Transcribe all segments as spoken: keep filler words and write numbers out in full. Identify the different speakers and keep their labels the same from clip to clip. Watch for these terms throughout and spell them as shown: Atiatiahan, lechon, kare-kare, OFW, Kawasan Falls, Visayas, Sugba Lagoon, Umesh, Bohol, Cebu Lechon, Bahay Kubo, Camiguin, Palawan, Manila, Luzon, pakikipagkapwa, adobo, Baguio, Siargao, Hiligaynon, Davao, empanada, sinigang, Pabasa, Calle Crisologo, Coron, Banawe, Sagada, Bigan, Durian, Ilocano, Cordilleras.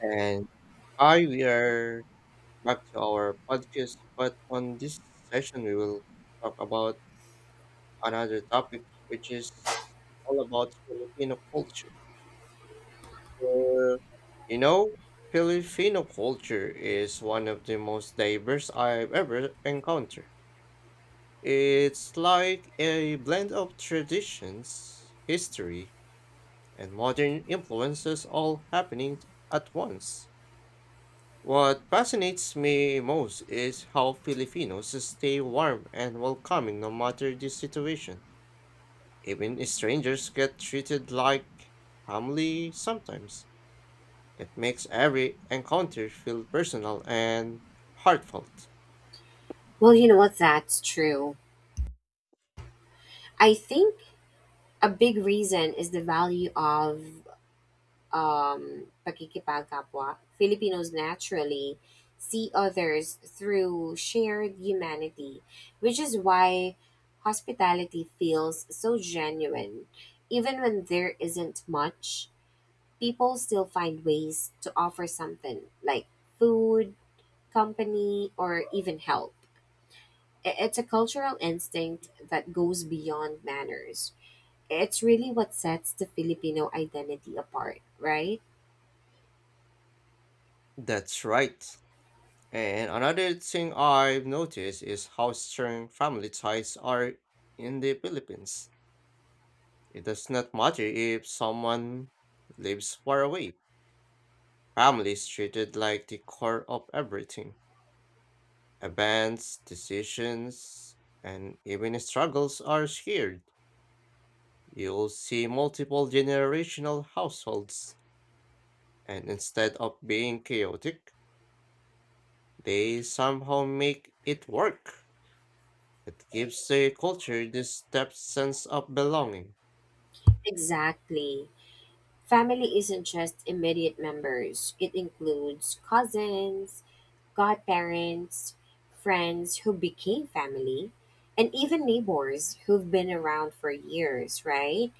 Speaker 1: And hi, we are back to our podcast. But on this session, we will talk about another topic, which is all about Filipino culture. So, you know, Filipino culture is one of the most diverse I've ever encountered. It's like a blend of traditions, history, and modern influences all happening at once. What fascinates me most is how Filipinos stay warm and welcoming no matter the situation. Even strangers get treated like family sometimes. It makes every encounter feel personal and heartfelt.
Speaker 2: Well, you know what? That's true. I think a big reason is the value of um, pakikipagkapwa. Filipinos naturally see others through shared humanity, which is why hospitality feels so genuine. Even when there isn't much, people still find ways to offer something like food, company, or even help. I- It's a cultural instinct that goes beyond manners. It's really what sets the Filipino identity apart, right?
Speaker 1: That's right. And another thing I've noticed is how strong family ties are in the Philippines. It does not matter if someone lives far away. Family is treated like the core of everything. Events, decisions, and even struggles are shared. You'll see multiple generational households, and instead of being chaotic, they somehow make it work. It gives the culture this depth sense of belonging.
Speaker 2: Exactly. Family isn't just immediate members, it includes cousins, godparents, friends who became family, and even neighbors who've been around for years, right?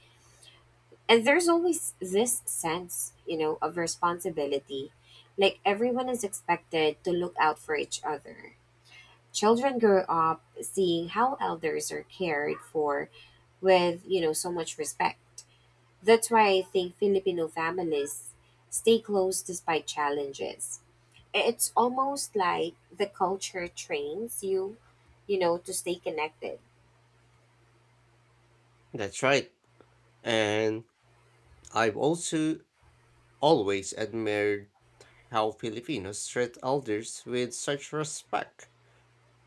Speaker 2: And there's always this sense, you know, of responsibility. Like everyone is expected to look out for each other. Children grow up seeing how elders are cared for with, you know, so much respect. That's why I think Filipino families stay close despite challenges. It's almost like the culture trains you, you know, to stay connected.
Speaker 1: That's right. And I've also always admired how Filipinos treat elders with such respect.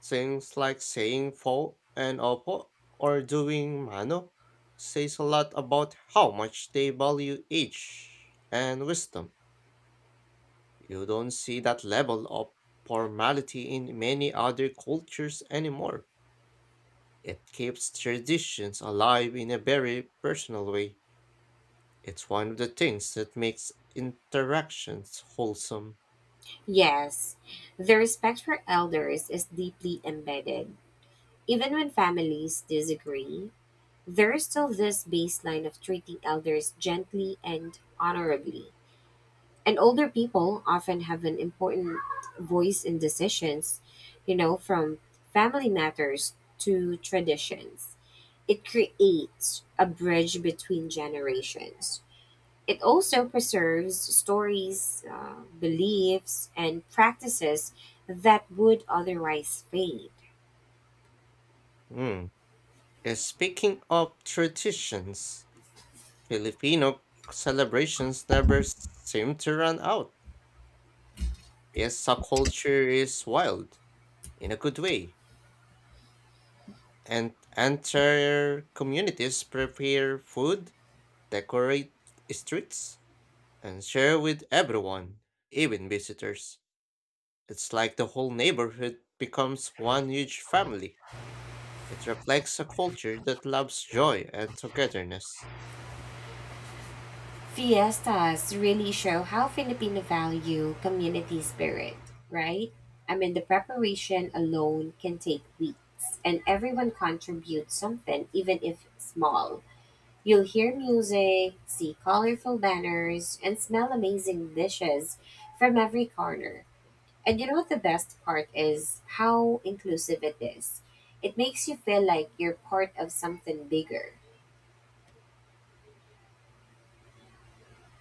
Speaker 1: Things like saying fo and opo or doing mano says a lot about how much they value age and wisdom. You don't see that level of formality in many other cultures anymore. It keeps traditions alive in a very personal way. It's one of the things that makes interactions wholesome.
Speaker 2: Yes, the respect for elders is deeply embedded. Even when families disagree, there is still this baseline of treating elders gently and honorably. And older people often have an important voice in decisions, you know, from family matters to traditions. It creates a bridge between generations. It also preserves stories, uh, beliefs, and practices that would otherwise fade.
Speaker 1: Hmm. Uh, Speaking of traditions, Filipino celebrations never seem to run out. Fiesta culture is wild, in a good way, and entire communities prepare food, decorate streets, and share with everyone, even visitors. It's like the whole neighborhood becomes one huge family. It reflects a culture that loves joy and togetherness.
Speaker 2: Fiestas really show how Filipino value community spirit, right? I mean, the preparation alone can take weeks, and everyone contributes something, even if small. You'll hear music, see colorful banners, and smell amazing dishes from every corner. And you know what the best part is? How inclusive it is. It makes you feel like you're part of something bigger.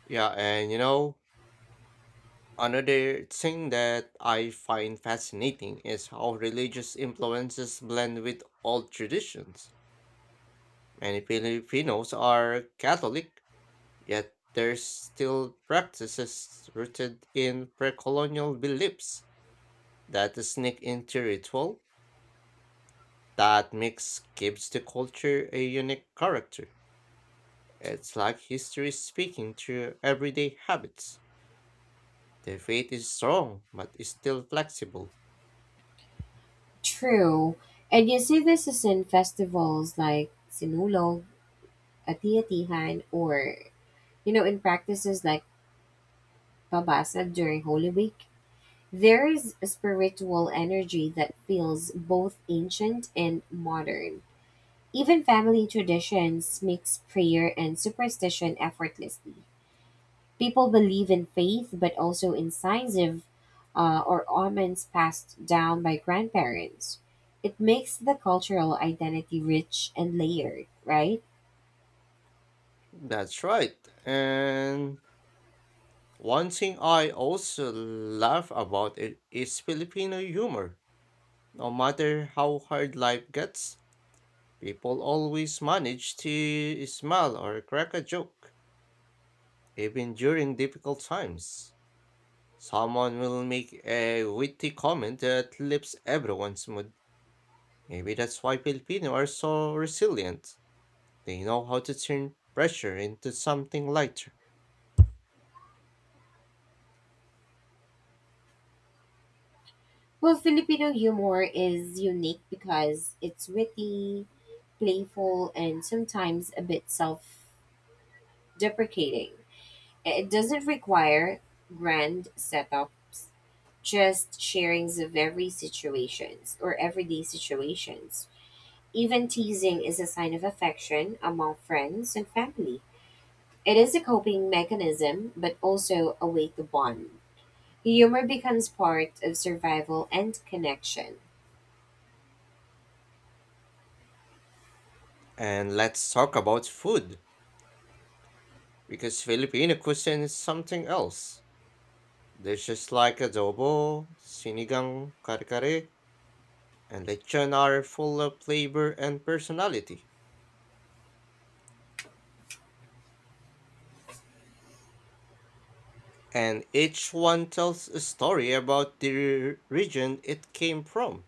Speaker 1: Yeah, and you know, Another thing that I find fascinating is how religious influences blend with old traditions. Many Filipinos are Catholic, yet there's still practices rooted in pre-colonial beliefs that sneak into ritual. That mix gives the culture a unique character. It's like history speaking through everyday habits. The faith is strong, but is still flexible.
Speaker 2: True. And you see this is in festivals like Sinulog, Atiatihan, or, you know, in practices like Pabasa during Holy Week. There is a spiritual energy that feels both ancient and modern. Even family traditions mix prayer and superstition effortlessly. People believe in faith, but also in signs of uh, or omens passed down by grandparents. It makes the cultural identity rich and layered, right?
Speaker 1: That's right. And one thing I also love about it is Filipino humor. No matter how hard life gets, people always manage to smile or crack a joke, even during difficult times. Someone will make a witty comment that lifts everyone's mood. Maybe that's why Filipino are so resilient. They know how to turn pressure into something lighter.
Speaker 2: Well, Filipino humor is unique because it's witty, playful, and sometimes a bit self deprecating. It doesn't require grand setups, just sharings of every situations or everyday situations. Even teasing is a sign of affection among friends and family. It is a coping mechanism, but also a way to bond. Humor becomes part of survival and connection.
Speaker 1: And let's talk about food. Because Filipino cuisine is something else. Dishes like adobo, sinigang, kare-kare, and lechon are full of flavor and personality. And each one tells a story about the region it came from.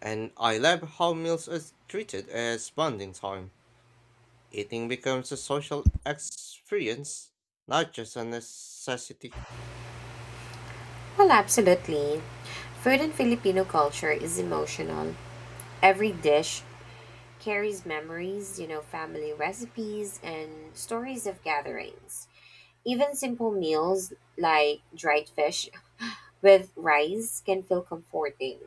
Speaker 1: And I love how meals are treated as bonding time. Eating becomes a social experience, not just a necessity.
Speaker 2: Well, absolutely. Food in Filipino culture is emotional. Every dish carries memories, you know, family recipes, and stories of gatherings. Even simple meals like dried fish with rice can feel comforting.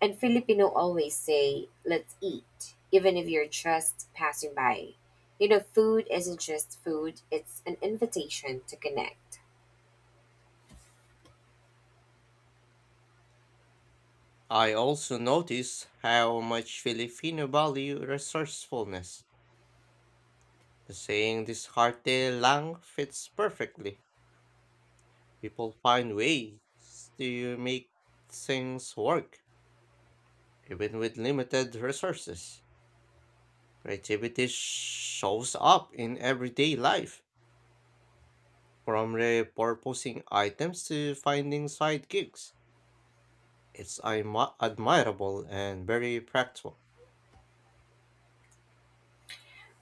Speaker 2: And Filipino always say, let's eat, even if you're just passing by. You know, food isn't just food, it's an invitation to connect.
Speaker 1: I also notice how much Filipino value resourcefulness. The saying this harte lang fits perfectly. People find ways to make things work, even with limited resources. Creativity shows up in everyday life, from repurposing items to finding side gigs. It's admi- admirable and very practical.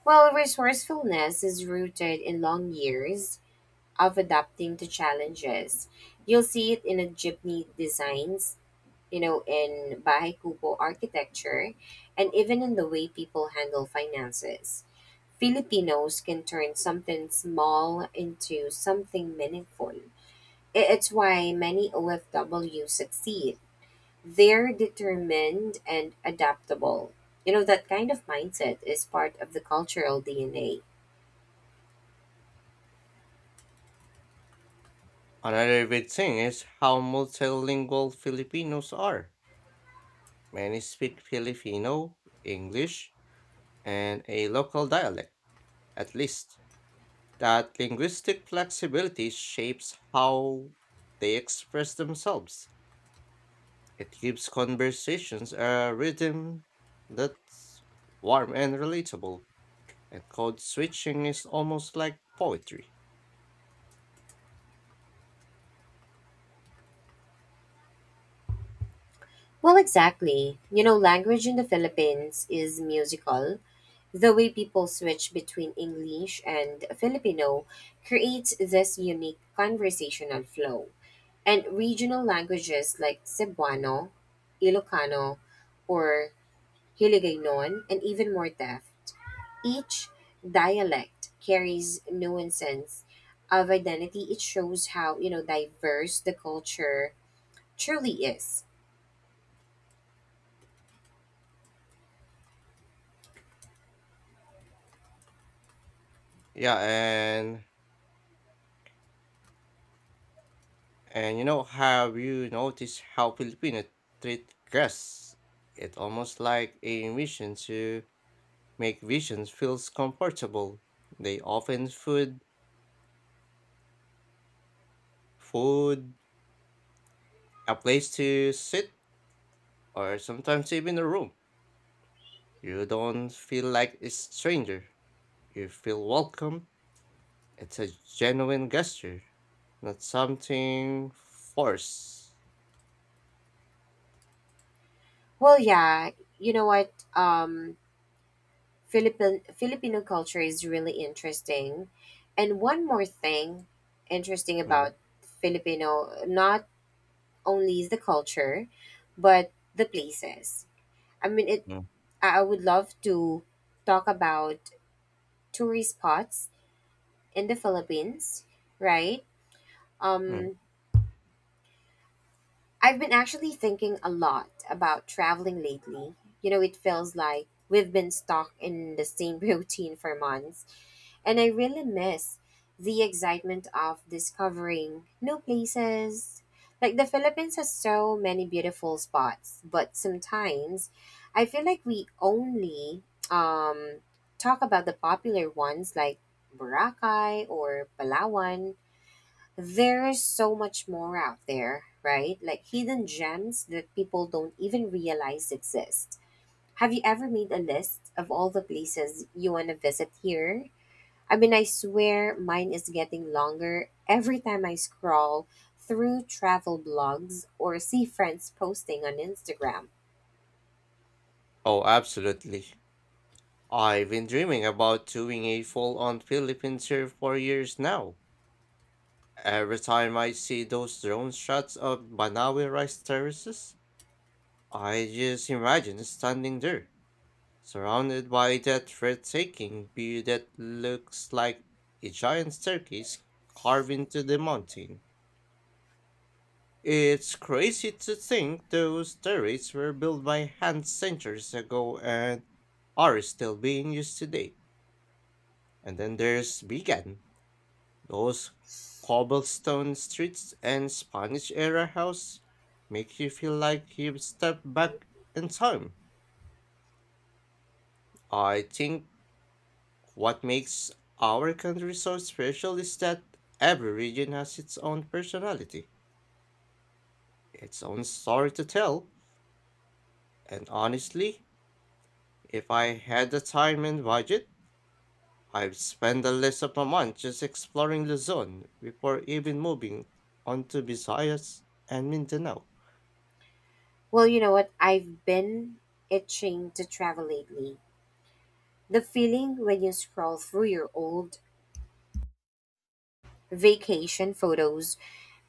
Speaker 2: Well, resourcefulness is rooted in long years of adapting to challenges. You'll see it in a jeepney designs, you know, in Bahay Kubo architecture, and even in the way people handle finances. Filipinos can turn something small into something meaningful. It's why many O F W succeed. They're determined and adaptable. You know, that kind of mindset is part of the cultural D N A.
Speaker 1: Another big thing is how multilingual Filipinos are. Many speak Filipino, English, and a local dialect at least, that linguistic flexibility shapes how they express themselves. It gives conversations a rhythm that's warm and relatable, and code switching is almost like poetry.
Speaker 2: Well, exactly. You know, language in the Philippines is musical. The way people switch between English and Filipino creates this unique conversational flow. And regional languages like Cebuano, Ilocano, or Hiligaynon, and even more theft. Each dialect carries nuances of identity. It shows how, you know, diverse the culture truly is.
Speaker 1: Yeah, and and you know, have you noticed how Filipino treat guests? It's almost like a mission to make visions feels comfortable. They often food food a place to sit, or sometimes even a room. You don't feel like a stranger. You feel welcome. It's a genuine gesture, not something forced.
Speaker 2: Well, yeah, you know what? Um, Philippine, Filipino culture is really interesting. And one more thing interesting
Speaker 1: Mm,
Speaker 2: about Filipino, not only is the culture, but the places. I mean, it.
Speaker 1: mm,
Speaker 2: I I would love to talk about tourist spots in the Philippines, right?
Speaker 1: mm.
Speaker 2: Um, I've been actually thinking a lot about traveling lately. You know, it feels like we've been stuck in the same routine for months, and I really miss the excitement of discovering new places. Like the Philippines has so many beautiful spots, but sometimes I feel like we only um, talk about the popular ones like Boracay or Palawan. There is so much more out there, right? Like hidden gems that people don't even realize exist. Have you ever made a list of all the places you want to visit here? I mean, I swear mine is getting longer every time I scroll through travel blogs or see friends posting on Instagram.
Speaker 1: Oh, absolutely. I've been dreaming about doing a full on Philippine tour for years now. Every time I see those drone shots of Banawe rice terraces, I just imagine standing there. Surrounded by that breathtaking view that looks like a giant staircase carved into the mountain. It's crazy to think those turrets were built by hand centuries ago and are still being used today. And then there's Bigan, those cobblestone streets and Spanish era house make you feel like you've stepped back in time. I think what makes our country so special is that every region has its own personality, its own story to tell, and honestly, if I had the time and budget, I'd spend the rest of my month just exploring Luzon before even moving on to Visayas and Mindanao.
Speaker 2: Well, you know what? I've been itching to travel lately. The feeling when you scroll through your old vacation photos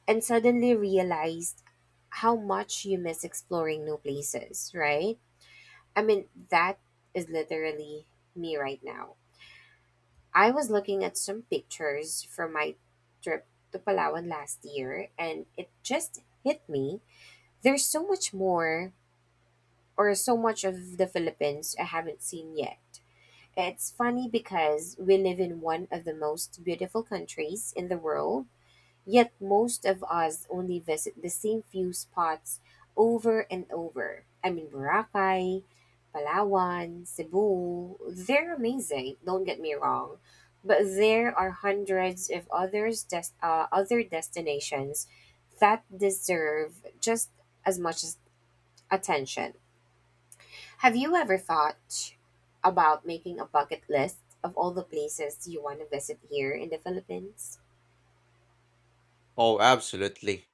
Speaker 2: and suddenly realized how much you miss exploring new places, right? I mean, that is literally me right now. I was looking at some pictures from my trip to Palawan last year, and it just hit me. There's so much more, or so much of the Philippines I haven't seen yet. It's funny because we live in one of the most beautiful countries in the world, yet most of us only visit the same few spots over and over. I mean, Boracay, Palawan, Cebu, they're amazing, don't get me wrong. But there are hundreds of others des- uh, other destinations that deserve just as much as attention. Have you ever thought about making a bucket list of all the places you want to visit here in the Philippines?
Speaker 1: Oh, absolutely.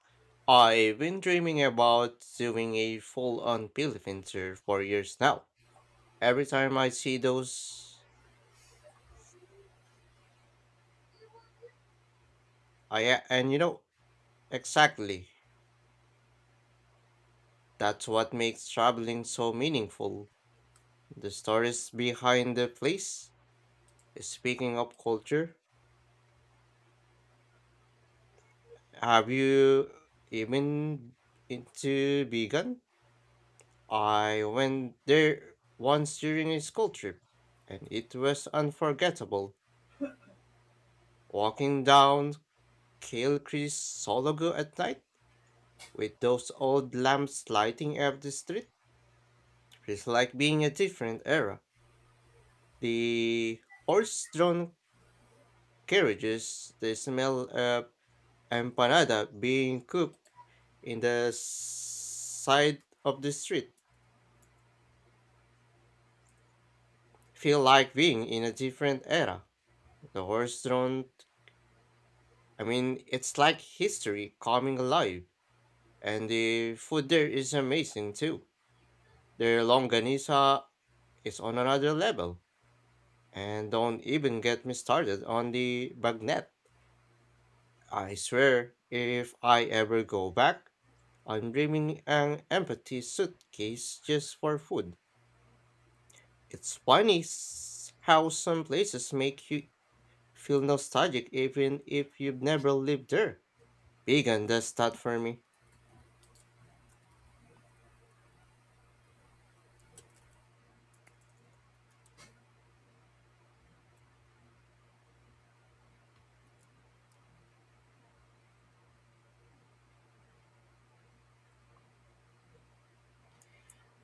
Speaker 1: I've been dreaming about doing a full-on Philippine tour for years now. Every time I see those, I a- and you know, Exactly. That's what makes traveling so meaningful. The stories behind the place. Speaking of culture, have you even into vegan? I went there once during a school trip, and it was unforgettable. Walking down Kilcree's Sologo at night, with those old lamps lighting up the street, feels like being a different era. The horse-drawn carriages, the smell of empanada being cooked in the s- side of the street feel like being in a different era. The horse-drawn, I mean, it's like history coming alive, and the food there is amazing too. Their longanisa is on another level, and don't even get me started on the bagnet. I swear, if I ever go back, I'm dreaming an empty suitcase just for food. It's funny s- how some places make you feel nostalgic even if you've never lived there. Vegan does that for me.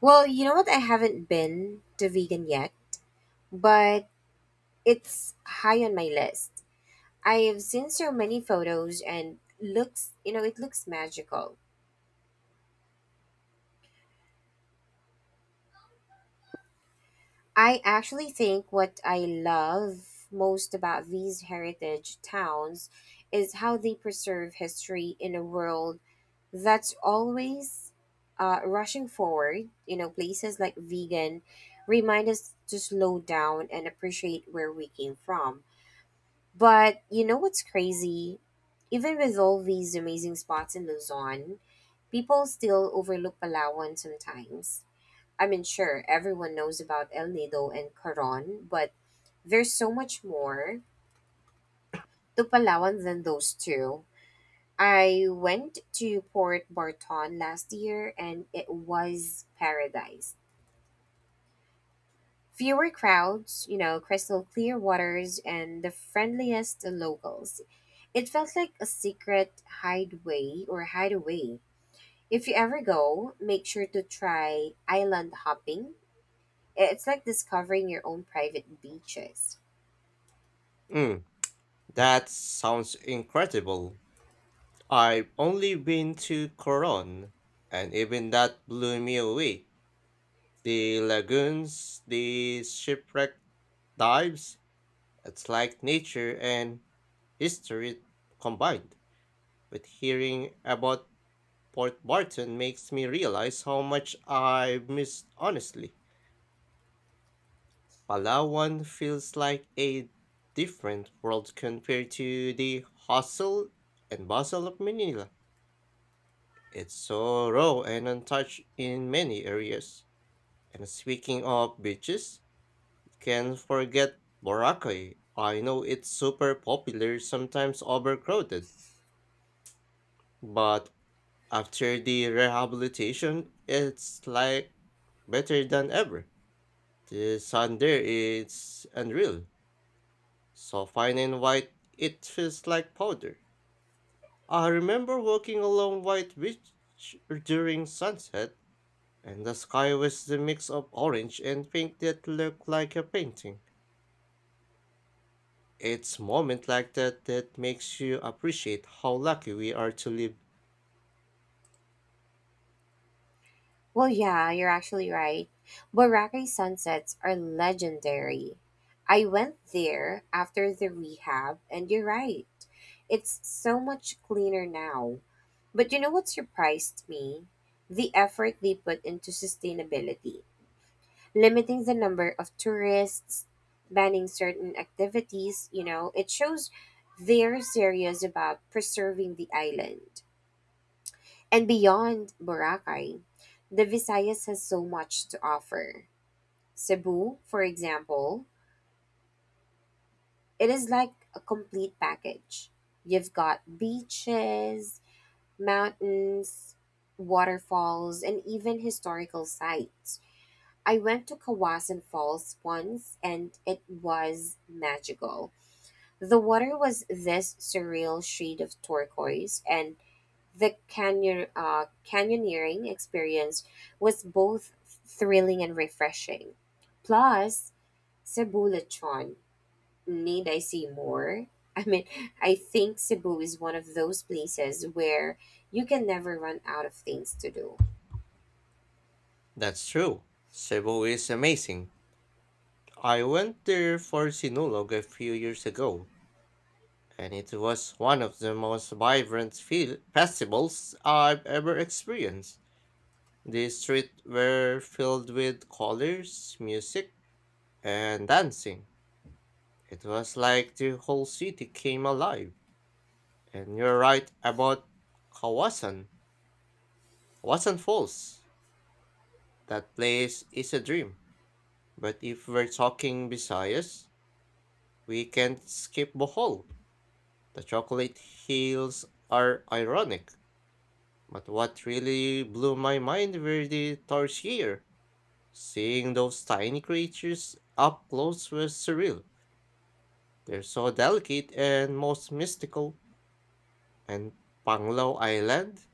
Speaker 2: Well, you know what? I haven't been to vegan yet, but it's high on my list. I have seen so many photos and looks, you know, it looks magical. I actually think what I love most about these heritage towns is how they preserve history in a world that's always uh, rushing forward. You know, places like vegan remind us to slow down and appreciate where we came from. But you know what's crazy? Even with all these amazing spots in Luzon, people still overlook Palawan sometimes. I mean, sure, everyone knows about El Nido and Coron, but there's so much more to Palawan than those two. I went to Port Barton last year and it was paradise. Fewer crowds, you know, crystal clear waters, and the friendliest locals. It felt like a secret hideaway or hideaway. If you ever go, make sure to try island hopping. It's like discovering your own private beaches.
Speaker 1: Mm, that sounds incredible. I've only been to Coron, and even that blew me away. The lagoons, the shipwreck dives, it's like nature and history combined. But hearing about Port Barton makes me realize how much I've missed honestly. Palawan feels like a different world compared to the hustle and bustle of Manila. It's so raw and untouched in many areas. And speaking of beaches, you can forget Boracay. I know it's super popular, sometimes overcrowded, but after the rehabilitation, it's like better than ever. The sand there is unreal, so fine and white it feels like powder. I remember walking along White Beach during sunset, and the sky was the mix of orange and pink that looked like a painting. It's moment like that that makes you appreciate how lucky we are to live.
Speaker 2: Well, yeah, you're actually right. Boracay sunsets are legendary. I went there after the rehab, and you're right. It's so much cleaner now. But you know what surprised me? The effort they put into sustainability. Limiting the number of tourists, banning certain activities, you know, it shows they're serious about preserving the island. And beyond Boracay, the Visayas has so much to offer. Cebu, for example, it is like a complete package. You've got beaches, mountains, waterfalls, and even historical sites. I went to Kawasan Falls once and it was magical. The water was this surreal shade of turquoise, and the canyon, uh, canyoneering experience was both thrilling and refreshing. Plus, Cebu Lechon. Need I say more? I mean, I think Cebu is one of those places where you can never run out of things to do.
Speaker 1: That's true. Cebu is amazing. I went there for Sinulog a few years ago and it was one of the most vibrant fil- festivals I've ever experienced. The streets were filled with colors, music, and dancing. It was like the whole city came alive. And you're right about Kawasan, Kawasan Falls. That place is a dream. But if we're talking Visayas, we can't skip Bohol. The chocolate hills are ironic. But what really blew my mind were the tarsier. Seeing those tiny creatures up close was surreal. They're so delicate and most mystical. And Panglow Island?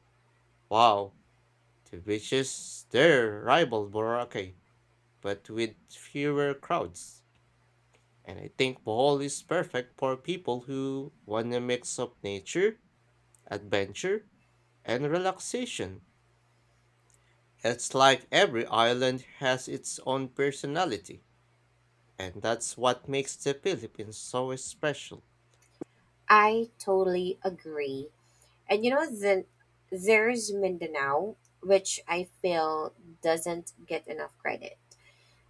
Speaker 1: Wow, the beaches there rival Boracay, but with fewer crowds. And I think Bohol is perfect for people who want a mix of nature, adventure, and relaxation. It's like every island has its own personality, and that's what makes the Philippines so special.
Speaker 2: I totally agree. And you know, then there's Mindanao, which I feel doesn't get enough credit.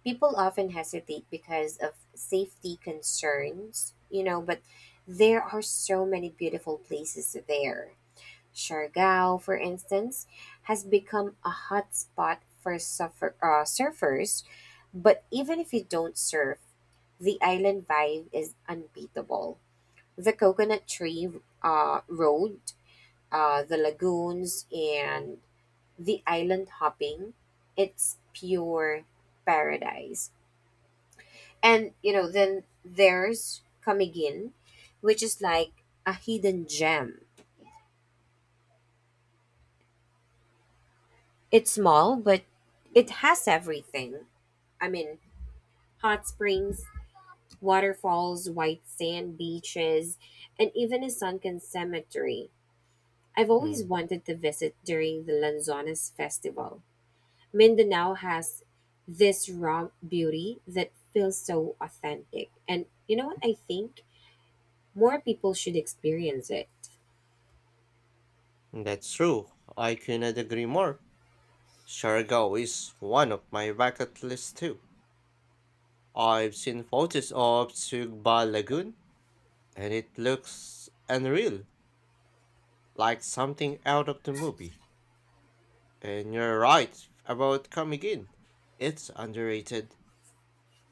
Speaker 2: People often hesitate because of safety concerns, you know, but there are so many beautiful places there. Siargao, for instance, has become a hot spot for surfer, uh, surfers, but even if you don't surf, the island vibe is unbeatable. The coconut tree uh, road uh, the lagoons and the island hopping. It's pure paradise. And you know, then there's Camiguin, which is like a hidden gem. It's small, but it has everything. I mean, hot springs, waterfalls, white sand beaches, and even a sunken cemetery. I've always
Speaker 1: Mm,
Speaker 2: wanted to visit during the Lanzones festival. Mindanao has this raw beauty that feels so authentic. And you know what? I think more people should experience it.
Speaker 1: that's true. I cannot agree more. Siargao is one of my bucket lists too. I've seen photos of Sugba Lagoon, and it looks unreal, like something out of the movie. And you're right about coming in. It's underrated.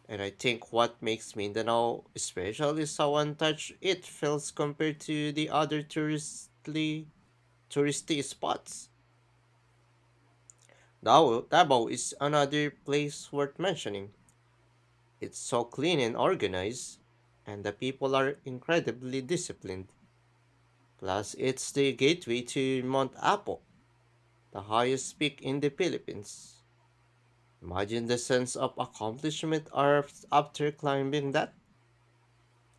Speaker 1: And I think what makes Mindanao special is how untouched it feels compared to the other touristly touristy spots. Davao, Davao is another place worth mentioning. It's so clean and organized, and the people are incredibly disciplined. Plus, it's the gateway to Mount Apo, the highest peak in the Philippines. Imagine the sense of accomplishment af- after climbing that.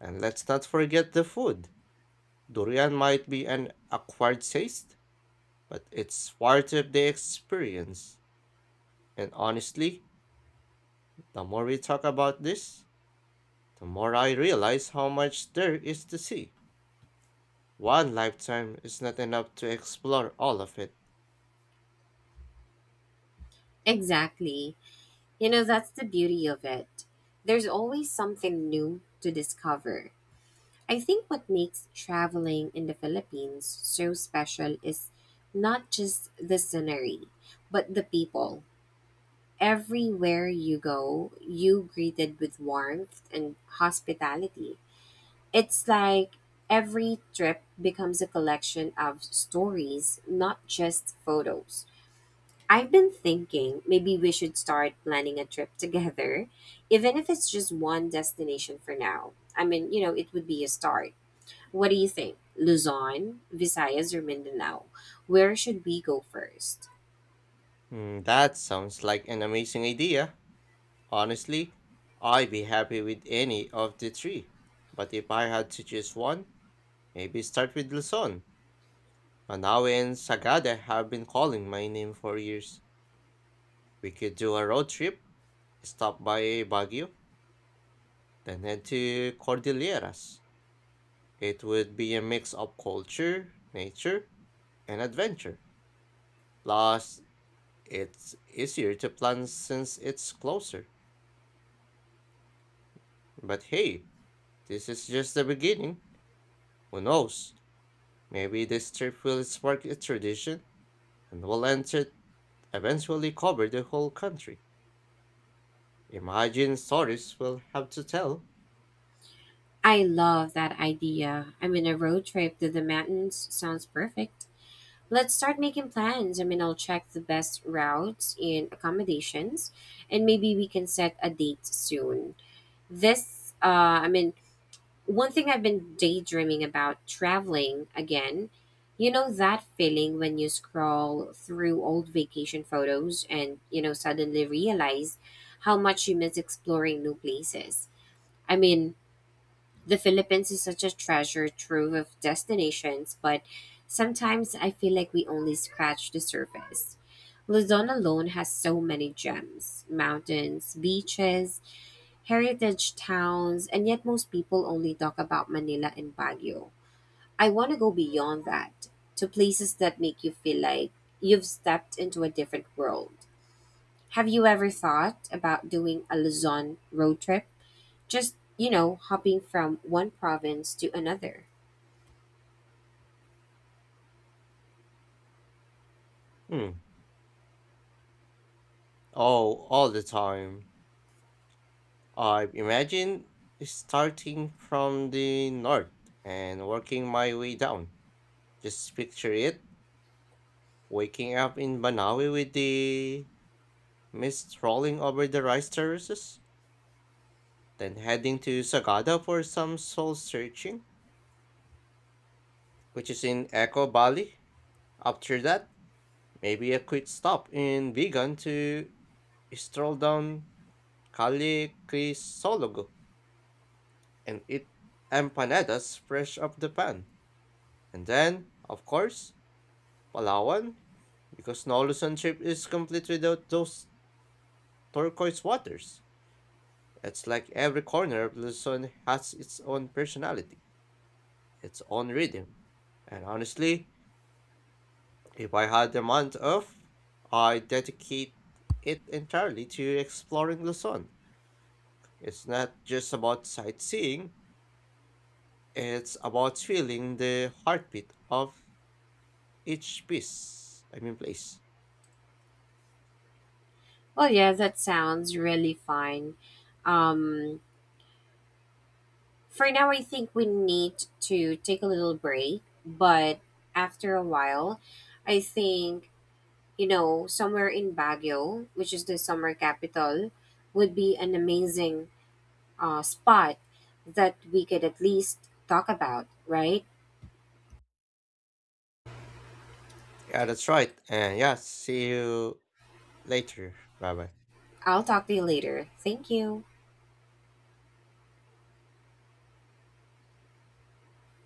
Speaker 1: And let's not forget the food. Durian might be an acquired taste, but it's part of the experience. And honestly, the more we talk about this, the more I realize how much there is to see. One lifetime is not enough to explore all of it.
Speaker 2: Exactly. You know, that's the beauty of it. There's always something new to discover. I think what makes traveling in the Philippines so special is not just the scenery, but the people. Everywhere you go, you greeted with warmth and hospitality. It's like every trip becomes a collection of stories, not just photos. I've been thinking maybe we should start planning a trip together, even if it's just one destination for now. I mean, you know, it would be a start. What do you think? Luzon, Visayas, or Mindanao? Where should we go first?
Speaker 1: Hmm, that sounds like an amazing idea. Honestly, I'd be happy with any of the three. But if I had to choose one, maybe start with Luzon. Manawi and Sagada have been calling my name for years. We could do a road trip. Stop by Baguio, then head to Cordilleras. It would be a mix of culture, nature, and adventure. Plus, it's easier to plan since it's closer. But hey, this is just the beginning. Who knows? Maybe this trip will spark a tradition and will enter eventually cover the whole country. Imagine stories we'll have to tell.
Speaker 2: I love that idea. I mean, a road trip to the mountains sounds perfect. Let's start making plans. I mean, I'll check the best routes and accommodations, and maybe we can set a date soon. This, uh, I mean, one thing I've been daydreaming about traveling again. You know that feeling when you scroll through old vacation photos and, you know, suddenly realize how much you miss exploring new places. I mean, the Philippines is such a treasure trove of destinations, but sometimes I feel like we only scratch the surface. Luzon alone has so many gems mountains, beaches, heritage towns, and yet most people only talk about Manila and Baguio. I want to go beyond that to places that make you feel like you've stepped into a different world. Have you ever thought about doing a Luzon road trip? Just, you know, hopping from one province to another.
Speaker 1: Hmm. Oh, all the time. I imagine starting from the north and working my way down. Just picture it, waking up in Banawi with the mist rolling over the rice terraces, then heading to Sagada for some soul searching, which is in Echo Valley. After that, maybe a quick stop in Vigan to stroll down Calle Crisologo and eat empanadas fresh off the pan. And then, of course, Palawan? Because no Luzon trip is complete without those turquoise waters. It's like every corner of Luzon has its own personality, its own rhythm. And honestly, if I had the month off, I'd dedicate it entirely to exploring Luzon. It's not just about sightseeing, it's about feeling the heartbeat of each piece, I mean place.
Speaker 2: Well, yeah, that sounds really fun. Um, for now, I think we need to take a little break, but after a while, I think, you know, somewhere in Baguio, which is the summer capital, would be an amazing uh, spot that we could at least talk about, right?
Speaker 1: Yeah, that's right. And yeah, see you later. Bye bye.
Speaker 2: I'll talk to you later. Thank you.